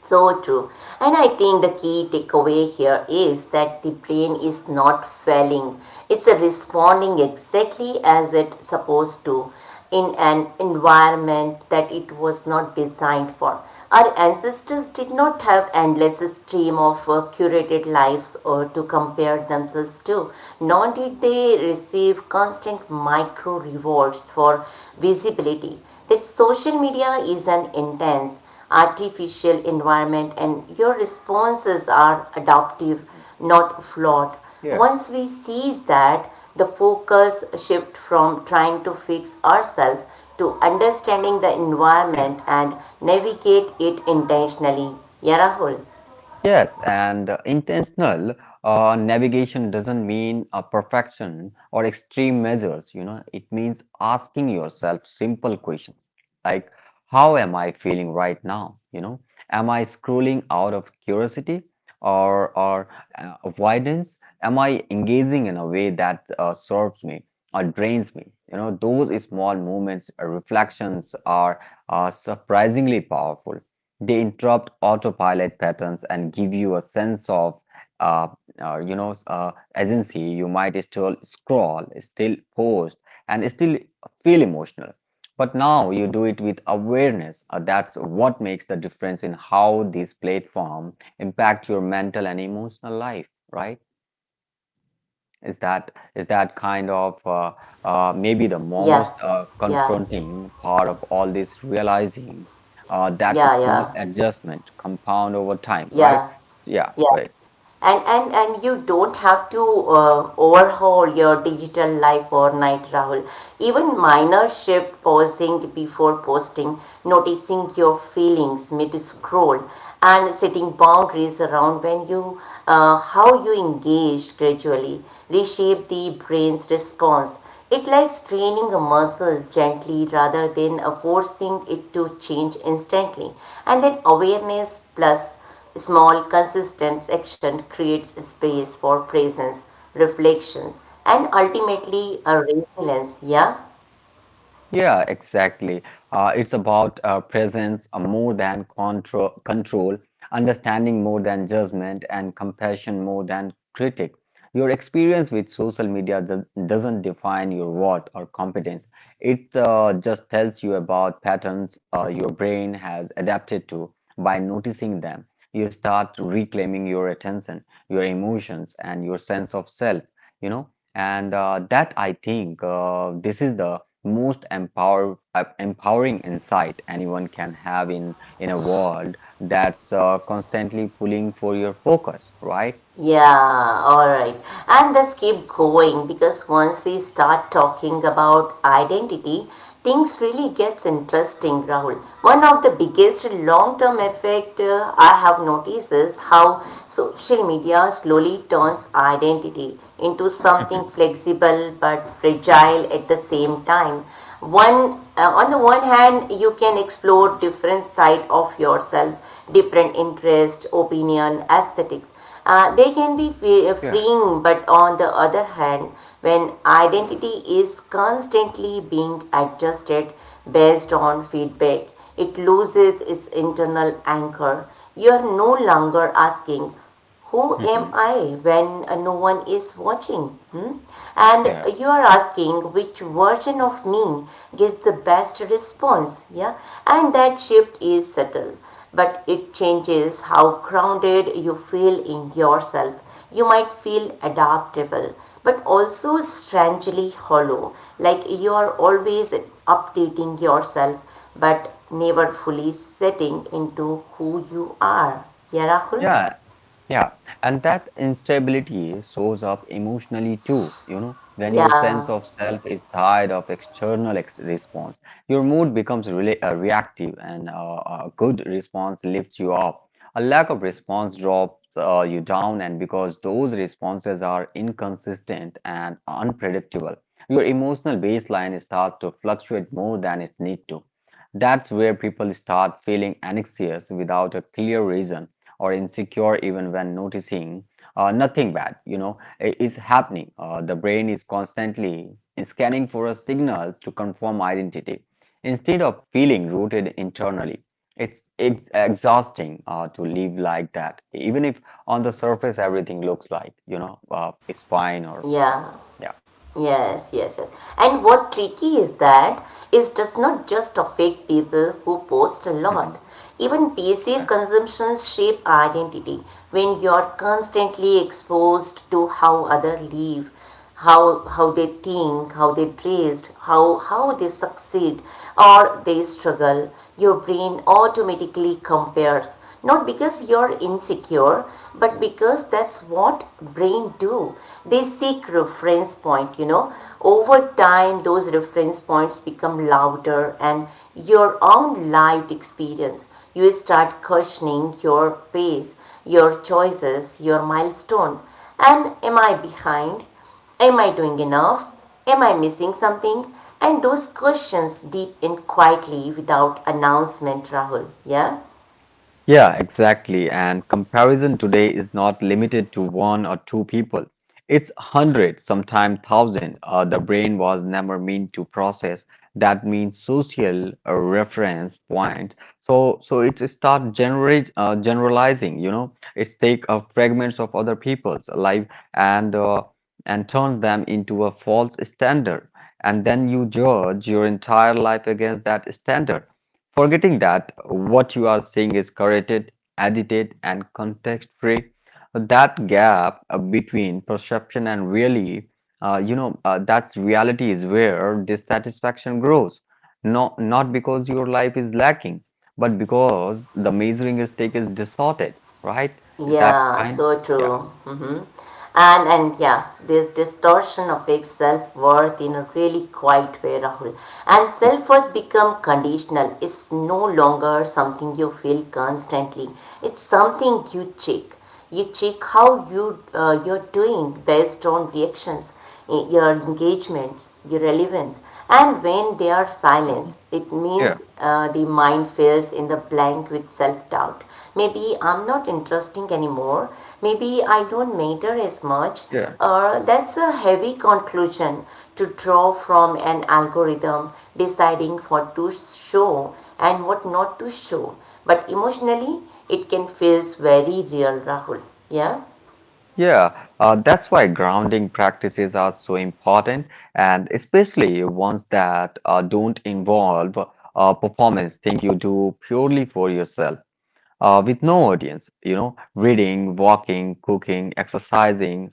Speaker 1: so true. And I think the key takeaway here is that the brain is not failing. It's a responding exactly as it's supposed to in an environment that it was not designed for. Our ancestors did not have endless stream of curated lives or to compare themselves to, nor did they receive constant micro rewards for visibility. That social media is an intense artificial environment and your responses are adaptive
Speaker 2: Mhm.
Speaker 1: not flawed.
Speaker 2: Yeah.
Speaker 1: Once we seize that, the focus shifts from trying to fix ourselves to understanding the environment and navigate it intentionally. Yeah, Rahul.
Speaker 2: Yes, and intentional navigation doesn't mean perfection or extreme measures, you know. It means asking yourself simple questions like, how am I feeling right now? You know, am I scrolling out of curiosity or avoidance? Am I engaging in a way that serves me or drains me? You know, those small moments, reflections are surprisingly powerful. They interrupt autopilot patterns and give you a sense of, uh, agency. You might still scroll, still post, and still feel emotional. But now you do it with awareness. That's what makes the difference in how these platforms impact your mental and emotional life, right? Is that kind of maybe the
Speaker 1: Yeah,
Speaker 2: most
Speaker 1: yeah,
Speaker 2: confronting part of all this, realizing that
Speaker 1: yeah,
Speaker 2: small
Speaker 1: yeah,
Speaker 2: adjustment compound over time,
Speaker 1: yeah,
Speaker 2: right? Yeah,
Speaker 1: yeah.
Speaker 2: right.
Speaker 1: And you don't have to overhaul your digital life overnight, Rahul. Even minor shift, pausing before posting, noticing your feelings mid scroll, and setting boundaries around when you, how you engage gradually, reshape the brain's response. It likes training muscles gently rather than forcing it to change instantly. And then awareness plus small, consistent action creates space for presence, reflections, and ultimately a resilience. Yeah.
Speaker 2: Yeah, exactly. It's about presence more than control, understanding more than judgment, and compassion more than critic. Your experience with social media doesn't define your worth or competence. It just tells you about patterns your brain has adapted to. By noticing them, you start reclaiming your attention, your emotions, and your sense of self, you know. And that I think this is the most empowering insight anyone can have in a world that's constantly pulling for your focus, right?
Speaker 1: Yeah, alright. And let's keep going because once we start talking about identity, things really gets interesting, Rahul. One of the biggest long-term effect I have noticed is how social media slowly turns identity into something
Speaker 2: Mhm.
Speaker 1: flexible but fragile at the same time. One, on the one hand, you can explore different side of yourself, different interest, opinion, aesthetics they can be
Speaker 2: Yeah.
Speaker 1: freeing, but on the other hand, when identity is constantly being adjusted based on feedback, it loses its internal anchor. You are no longer asking, who am
Speaker 2: Mhm.
Speaker 1: I when no one is watching? Hmm? And
Speaker 2: Yeah.
Speaker 1: you are asking which version of me gives the best response, yeah? And that shift is subtle, but it changes how grounded you feel in yourself. You might feel adaptable, but also strangely hollow, like you are always updating yourself, but never fully setting into who you are. Yeah, Rahul?
Speaker 2: Yeah, Yeah, and that instability shows up emotionally too, you know, when your sense
Speaker 1: Yeah.
Speaker 2: of self is tied of external ex response. Your mood becomes rela reactive and a good response lifts you up. A lack of response drops you down, and because those responses are inconsistent and unpredictable, your emotional baseline starts to fluctuate more than it needs to. That's where people start feeling anxious without a clear reason or insecure even when noticing nothing bad is happening. Uh, the brain is constantly scanning for a signal to confirm identity instead of feeling rooted internally. It's exhausting to live like that even if on the surface everything looks like it's fine or what.
Speaker 1: Yeah,
Speaker 2: Yeah.
Speaker 1: yes, yes, yes. And what tricky is that is just not just affect people who post a lot.
Speaker 2: Mhm.
Speaker 1: Even passive consumptions shape identity when you're constantly exposed to how others live, how they think, how they dress, how they succeed or they struggle. Your brain automatically compares not because you're insecure but because that's what brain do, they seek reference point. You know, over time those reference points become louder and your own lived experience, you start questioning your pace, your choices, your milestone, and am I behind? Am I doing enough? Am I missing something? And those questions deep in quietly without announcement, Rahul. Yeah?
Speaker 2: Yeah, exactly. And comparison today is not limited to one or two people. It's hundreds, sometimes thousand. The brain was never meant to process that means social reference point. So it start generate generalizing. You know, it's take fragments of other people's life and uh, and turns them into a false standard. And then you judge your entire life against that standard, forgetting that what you are seeing is curated, edited, and context free. That gap between perception and really, that's reality is where dissatisfaction grows. Not because your life is lacking, but because the measuring stick is distorted, right? Is that
Speaker 1: Yeah,
Speaker 2: kind?
Speaker 1: so true.
Speaker 2: Yeah.
Speaker 1: Hmm. And yeah, this distortion of its self worth in a really quiet way, Rahul. And self worth become conditional. It's no longer something you feel constantly. It's something you check. You check how you you're doing based on reactions, eh, your engagements, your relevance. And when they are silenced,
Speaker 2: Mhm.
Speaker 1: it means
Speaker 2: Yeah,
Speaker 1: the mind fills in the blank with self doubt. Maybe I'm not interesting anymore. Maybe I don't matter as much.
Speaker 2: yeah.
Speaker 1: That's a heavy conclusion to draw from an algorithm deciding what to show and what not to show. But emotionally, it can feel very real, Rahul. Yeah?
Speaker 2: Yeah, that's why grounding practices are so important, and especially ones that don't involve performance, thing you do purely for yourself with no audience, you know, reading, walking, cooking, exercising,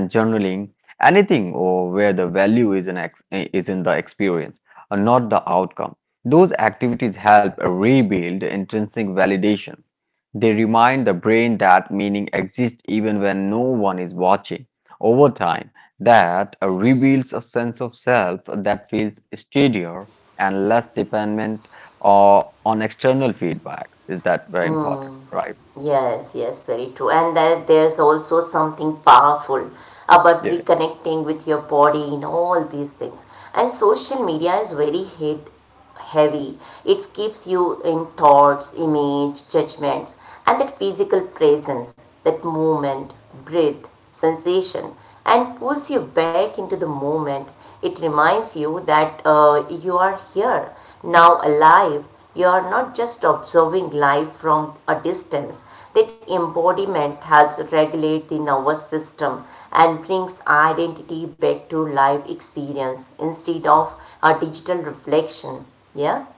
Speaker 2: and journaling, anything or where the value is is in the experience, and not the outcome. Those activities help rebuild intrinsic validation. They remind the brain that meaning exists even when no one is watching. Over time, that reveals a sense of self that feels steadier and less dependent or on external feedback. Is that very important,
Speaker 1: Hmm.
Speaker 2: right?
Speaker 1: Yes, yes, very true. And that there's also something powerful about reconnecting with your body in all these things. And social media is very hit heavy. It keeps you in thoughts, image, judgments, and that physical presence, that movement, breath, sensation, and pulls you back into the moment. It reminds you that you are here, now alive. You are not just observing life from a distance. That embodiment helps regulate the nervous system and brings identity back to live experience instead of a digital reflection. Yeah?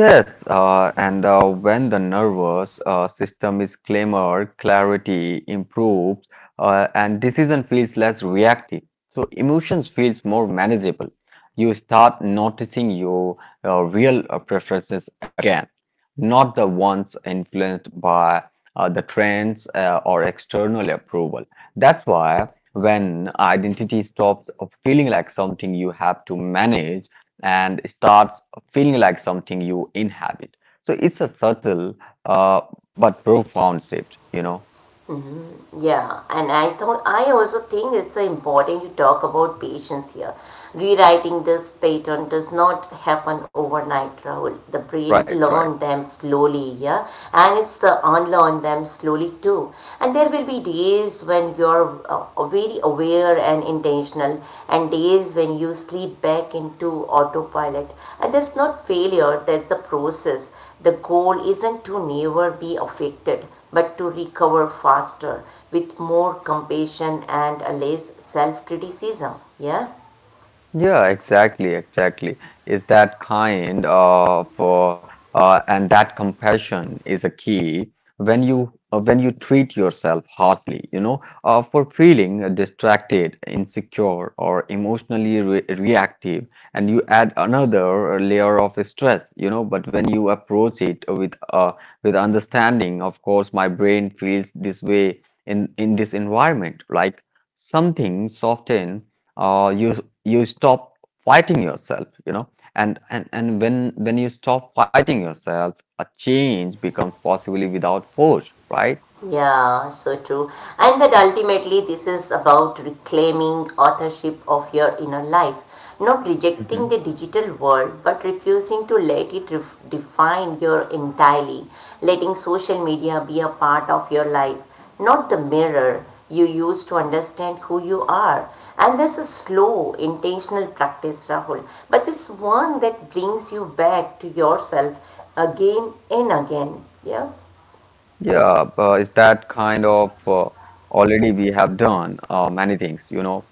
Speaker 2: Yes, and when the nervous system is calmer, clarity improves, and decision feels less reactive. So emotions feels more manageable. You start noticing your real preferences again, not the ones influenced by the trends or external approval. That's why when identity stops feeling like something you have to manage and starts feeling like something you inhabit. So it's a subtle uh, but profound shift, you know.
Speaker 1: Mm-hmm. Yeah, and I thought I also think it's important you talk about patience here. Rewriting this pattern does not happen overnight, Rahul. The brain
Speaker 2: Right,
Speaker 1: learn
Speaker 2: right.
Speaker 1: them slowly, yeah, and it's unlearn them slowly too. And there will be days when you're very aware and intentional, and days when you slip back into autopilot. And that's not failure; that's the process. The goal isn't to never be affected, but to recover faster with more compassion and less self criticism. Yeah?
Speaker 2: Yeah, exactly, exactly. Is that kind of and that compassion is a key. When you when you treat yourself harshly, you know, for feeling distracted, insecure, or emotionally re reactive, and you add another layer of stress, you know. But when you approach it with understanding, of course, my brain feels this way in this environment, like something soften. You you stop fighting yourself, you know, and when you stop fighting yourself, a change becomes possibly without force, right?
Speaker 1: Yeah, so true. And that ultimately this is about reclaiming authorship of your inner life, not rejecting
Speaker 2: Mhm.
Speaker 1: the digital world, but refusing to let it ref- define your entirely, letting social media be a part of your life, not the mirror you use to understand who you are. And this is slow, intentional practice, Rahul, but it's one that brings you back to yourself again and again. Yeah.
Speaker 2: Yeah, is that kind of already we have done many things, you know,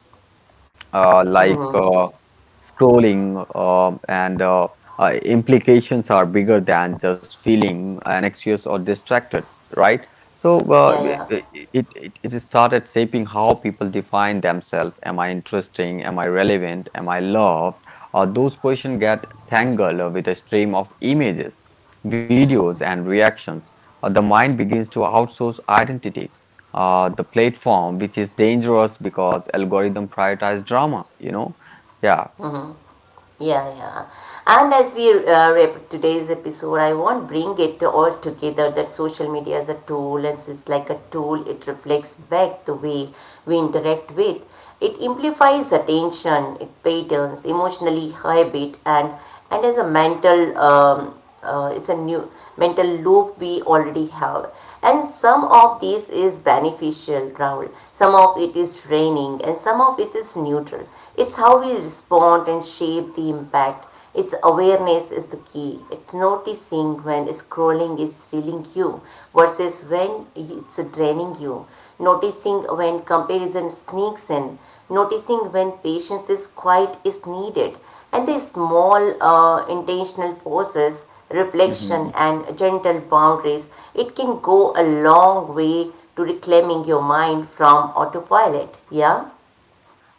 Speaker 2: uh, like
Speaker 1: Mm-hmm.
Speaker 2: uh, scrolling, and implications are bigger than just feeling anxious or distracted, right? So
Speaker 1: Yeah, yeah.
Speaker 2: it, it started shaping how people define themselves. Am I interesting? Am I relevant? Am I loved? Those questions get tangled with a stream of images, videos, and reactions. The mind begins to outsource identity the platform, which is dangerous because algorithm prioritize drama, you know? Yeah.
Speaker 1: Yeah, yeah. And as we wrap up today's episode, I won't bring it all together that social media is a tool and it's like a tool, it reflects back the way we interact with. It amplifies attention, it patterns, emotionally habit, and as a mental it's a new mental loop we already have, and some of this is beneficial, Rahul, some of it is draining and some of it is neutral. It's how we respond and shape the impact. It's awareness is the key. It's noticing when scrolling is filling you versus when it's draining you, noticing when comparison sneaks in, noticing when patience is quiet is needed, and the small intentional pauses, reflection and gentle boundaries, it can go a long way to reclaiming your mind from autopilot. Yeah?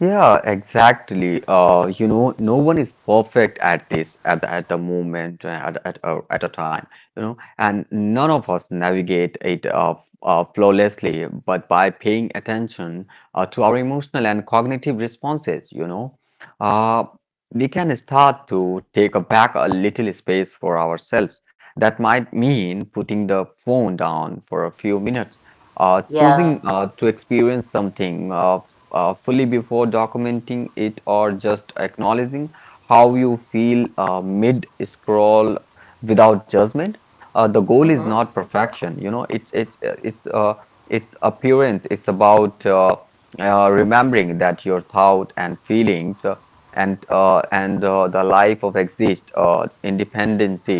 Speaker 2: Yeah, exactly. You know, no one is perfect at this at the moment at a time. You know, and none of us navigate it flawlessly, but by paying attention to our emotional and cognitive responses, you know, uh, we can start to take a back a little space for ourselves. That might mean putting the phone down for a few minutes, choosing
Speaker 1: Yeah.
Speaker 2: to experience something. Fully before documenting it, or just acknowledging how you feel mid scroll without judgment. The goal is not perfection, you know, it's appearance. It's about remembering that your thought and feelings and the life of exist independence,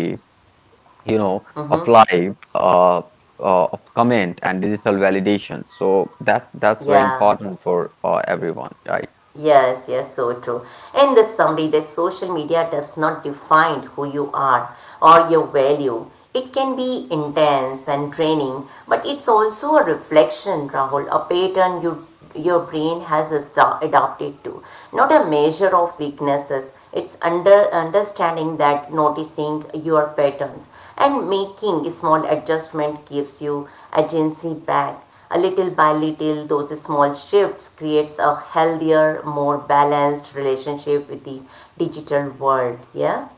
Speaker 2: you know, of
Speaker 1: Mm-hmm.
Speaker 2: life, of comment and digital validation. So that's very
Speaker 1: Yeah.
Speaker 2: important for everyone, right?
Speaker 1: Yes, yes, so true. In the summary, the social media does not define who you are or your value. It can be intense and draining, but it's also a reflection, Rahul, a pattern you, your brain has esta- adapted to. Not a measure of weaknesses. It's under understanding that noticing your patterns and making small adjustment gives you agency back. A little by little those small shifts creates a healthier, more balanced relationship with the digital world. Yeah.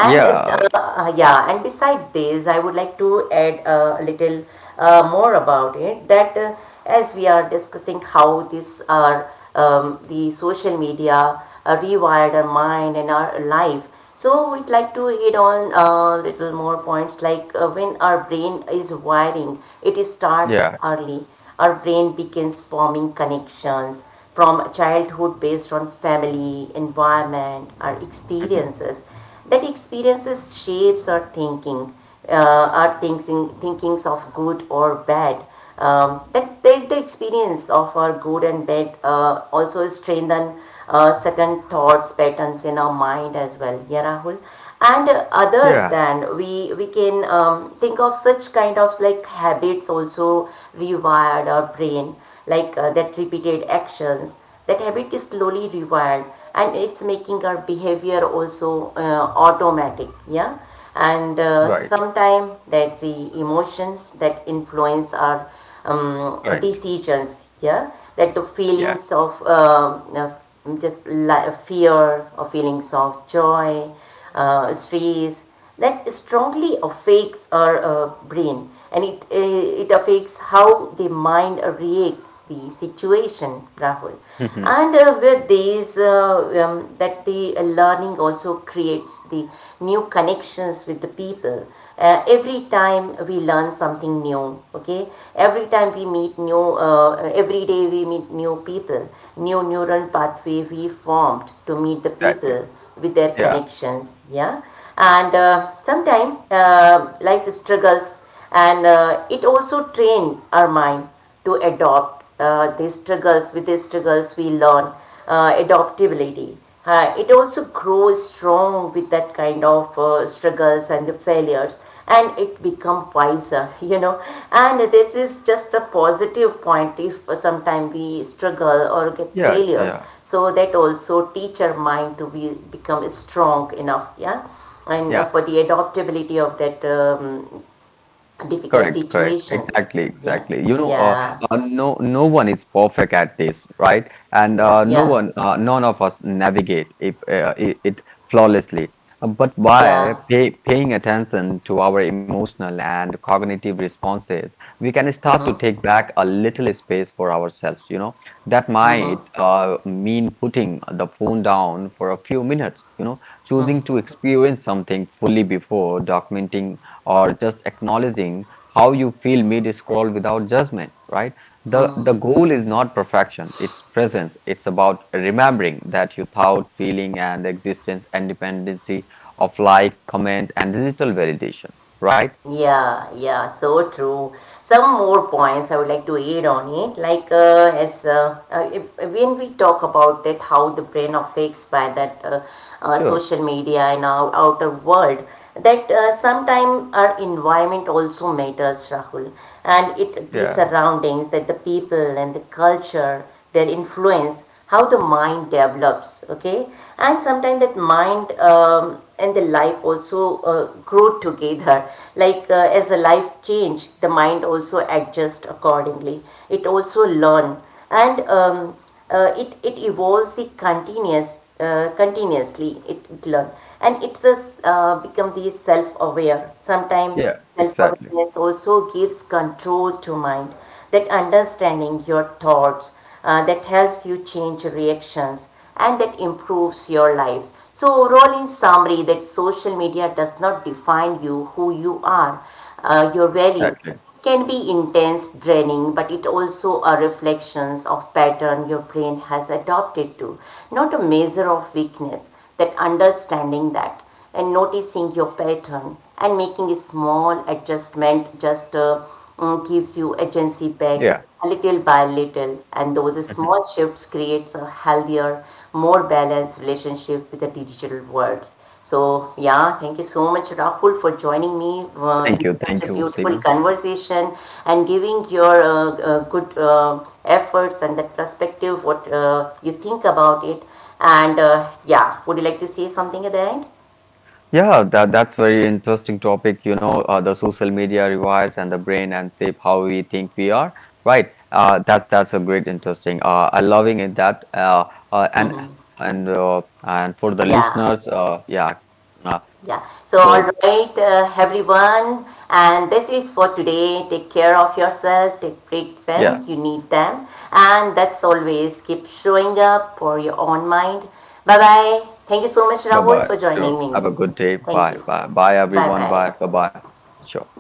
Speaker 1: and
Speaker 2: Yeah,
Speaker 1: Yeah, and beside this, I would like to add a little more about it that as we are discussing how these are the social media rewired our mind and our life. So we'd like to hit on little more points like when our brain is wiring, it starts
Speaker 2: yeah,
Speaker 1: early. Our brain begins forming connections from childhood based on family, environment, our
Speaker 2: mhm.
Speaker 1: experiences. That experiences shapes our thinking, thinkings of good or bad. That the experience of our good and bad also strengthen certain thoughts patterns in our mind as well. Yeah, Rahul. And other
Speaker 2: Yeah,
Speaker 1: than we can think of such kind of like habits also rewired our brain, like that repeated actions, that habit is slowly rewired and it's making our behavior also automatic. Yeah. And
Speaker 2: right,
Speaker 1: sometime that the emotions that influence our
Speaker 2: right,
Speaker 1: decisions, yeah, that the
Speaker 2: yeah,
Speaker 1: feelings of just li- fear or feelings of joy, stress, that strongly affects our brain and it affects how the mind reacts the situation, Rahul.
Speaker 2: mhm,
Speaker 1: And with these that the learning also creates the new connections with the people. Every time we learn something new, okay, every time we meet new uh, every day we meet new people, new neural pathway we formed to meet the
Speaker 2: exactly.
Speaker 1: people with their
Speaker 2: Yeah,
Speaker 1: connections. Yeah. And sometimes life struggles, and it also trains our mind to adopt these struggles. With these struggles we learn adaptability. It also grows strong with that kind of struggles and the failures, and it become wiser you know. And this is just a positive point, if sometimes we struggle or get
Speaker 2: yeah,
Speaker 1: failures,
Speaker 2: yeah,
Speaker 1: so that also teach our mind to be become strong enough. Yeah. And
Speaker 2: yeah.
Speaker 1: for the adaptability of that difficult
Speaker 2: Correct, correct.
Speaker 1: situations.
Speaker 2: Exactly,
Speaker 1: Yeah,
Speaker 2: exactly. You know,
Speaker 1: yeah,
Speaker 2: no one is perfect at this, right? And
Speaker 1: yeah,
Speaker 2: no
Speaker 1: yeah,
Speaker 2: one, none of us navigate if, it, it flawlessly. But
Speaker 1: yeah.
Speaker 2: by paying attention to our emotional and cognitive responses, we can start to
Speaker 1: Mm-hmm.
Speaker 2: take back a little space for ourselves. You know, that might
Speaker 1: Mm-hmm.
Speaker 2: mean putting the phone down for a few minutes. You know, choosing
Speaker 1: Mm-hmm.
Speaker 2: to experience something fully before documenting or just acknowledging how you feel mid scroll without judgment, right? The goal is not perfection, it's presence. It's about remembering that your thought, feeling, and existence and dependency of like comment and digital validation, right?
Speaker 1: Yeah, yeah, so true. Some more points I would like to add on it. Like, as if- when we talk about that, how the brain affects by that
Speaker 2: Sure.
Speaker 1: social media and our outer world, that sometimes our environment also matters, Rahul, and it the
Speaker 2: Yeah,
Speaker 1: surroundings, that the people and the culture their influence how the mind develops, okay, and sometimes that mind and the life also grow together, like as the life change the mind also adjusts accordingly. It also learn, and it evolves the continuous, continuously it learn, and it's a s- become the self-aware sometimes.
Speaker 2: yeah, exactly,
Speaker 1: Self-awareness also gives control to mind, that understanding your thoughts, that helps you change reactions, and that improves your life. So overall in summary, that social media does not define you who you are, your value.
Speaker 2: exactly,
Speaker 1: It can be intense draining but it also are reflections of pattern your brain has adopted to, not a measure of weakness. That understanding that, and noticing your pattern and making a small adjustment, just gives you agency back,
Speaker 2: yeah.
Speaker 1: little by little, and those
Speaker 2: Mhm.
Speaker 1: small shifts creates a healthier, more balanced relationship with the digital world. So yeah, thank you so much, Rahul, for joining me
Speaker 2: Thank
Speaker 1: in
Speaker 2: you,
Speaker 1: such
Speaker 2: thank
Speaker 1: a
Speaker 2: you, Siva.
Speaker 1: beautiful conversation and giving your good efforts and that perspective what you think about it. And yeah, would you like to say something at the end?
Speaker 2: Yeah, that that's very interesting topic. You know, the social media rewires and the brain and shape how we think we are. Right. That's a great interesting. I loving it that. Uh, and and for the
Speaker 1: Yeah,
Speaker 2: listeners, yeah. Uh,
Speaker 1: yeah. So, all
Speaker 2: so
Speaker 1: right, everyone, and this is for today. Take care of yourself, take break
Speaker 2: yeah.
Speaker 1: when you need them, and that's always keep showing up for your own mind. Bye bye. Thank you so much,
Speaker 2: Bye
Speaker 1: Rahul,
Speaker 2: bye.
Speaker 1: for joining
Speaker 2: Sure.
Speaker 1: me.
Speaker 2: Have a good day.
Speaker 1: Thank
Speaker 2: Bye
Speaker 1: you.
Speaker 2: bye. Bye
Speaker 1: Bye
Speaker 2: everyone. Bye bye
Speaker 1: bye.
Speaker 2: bye. Sure.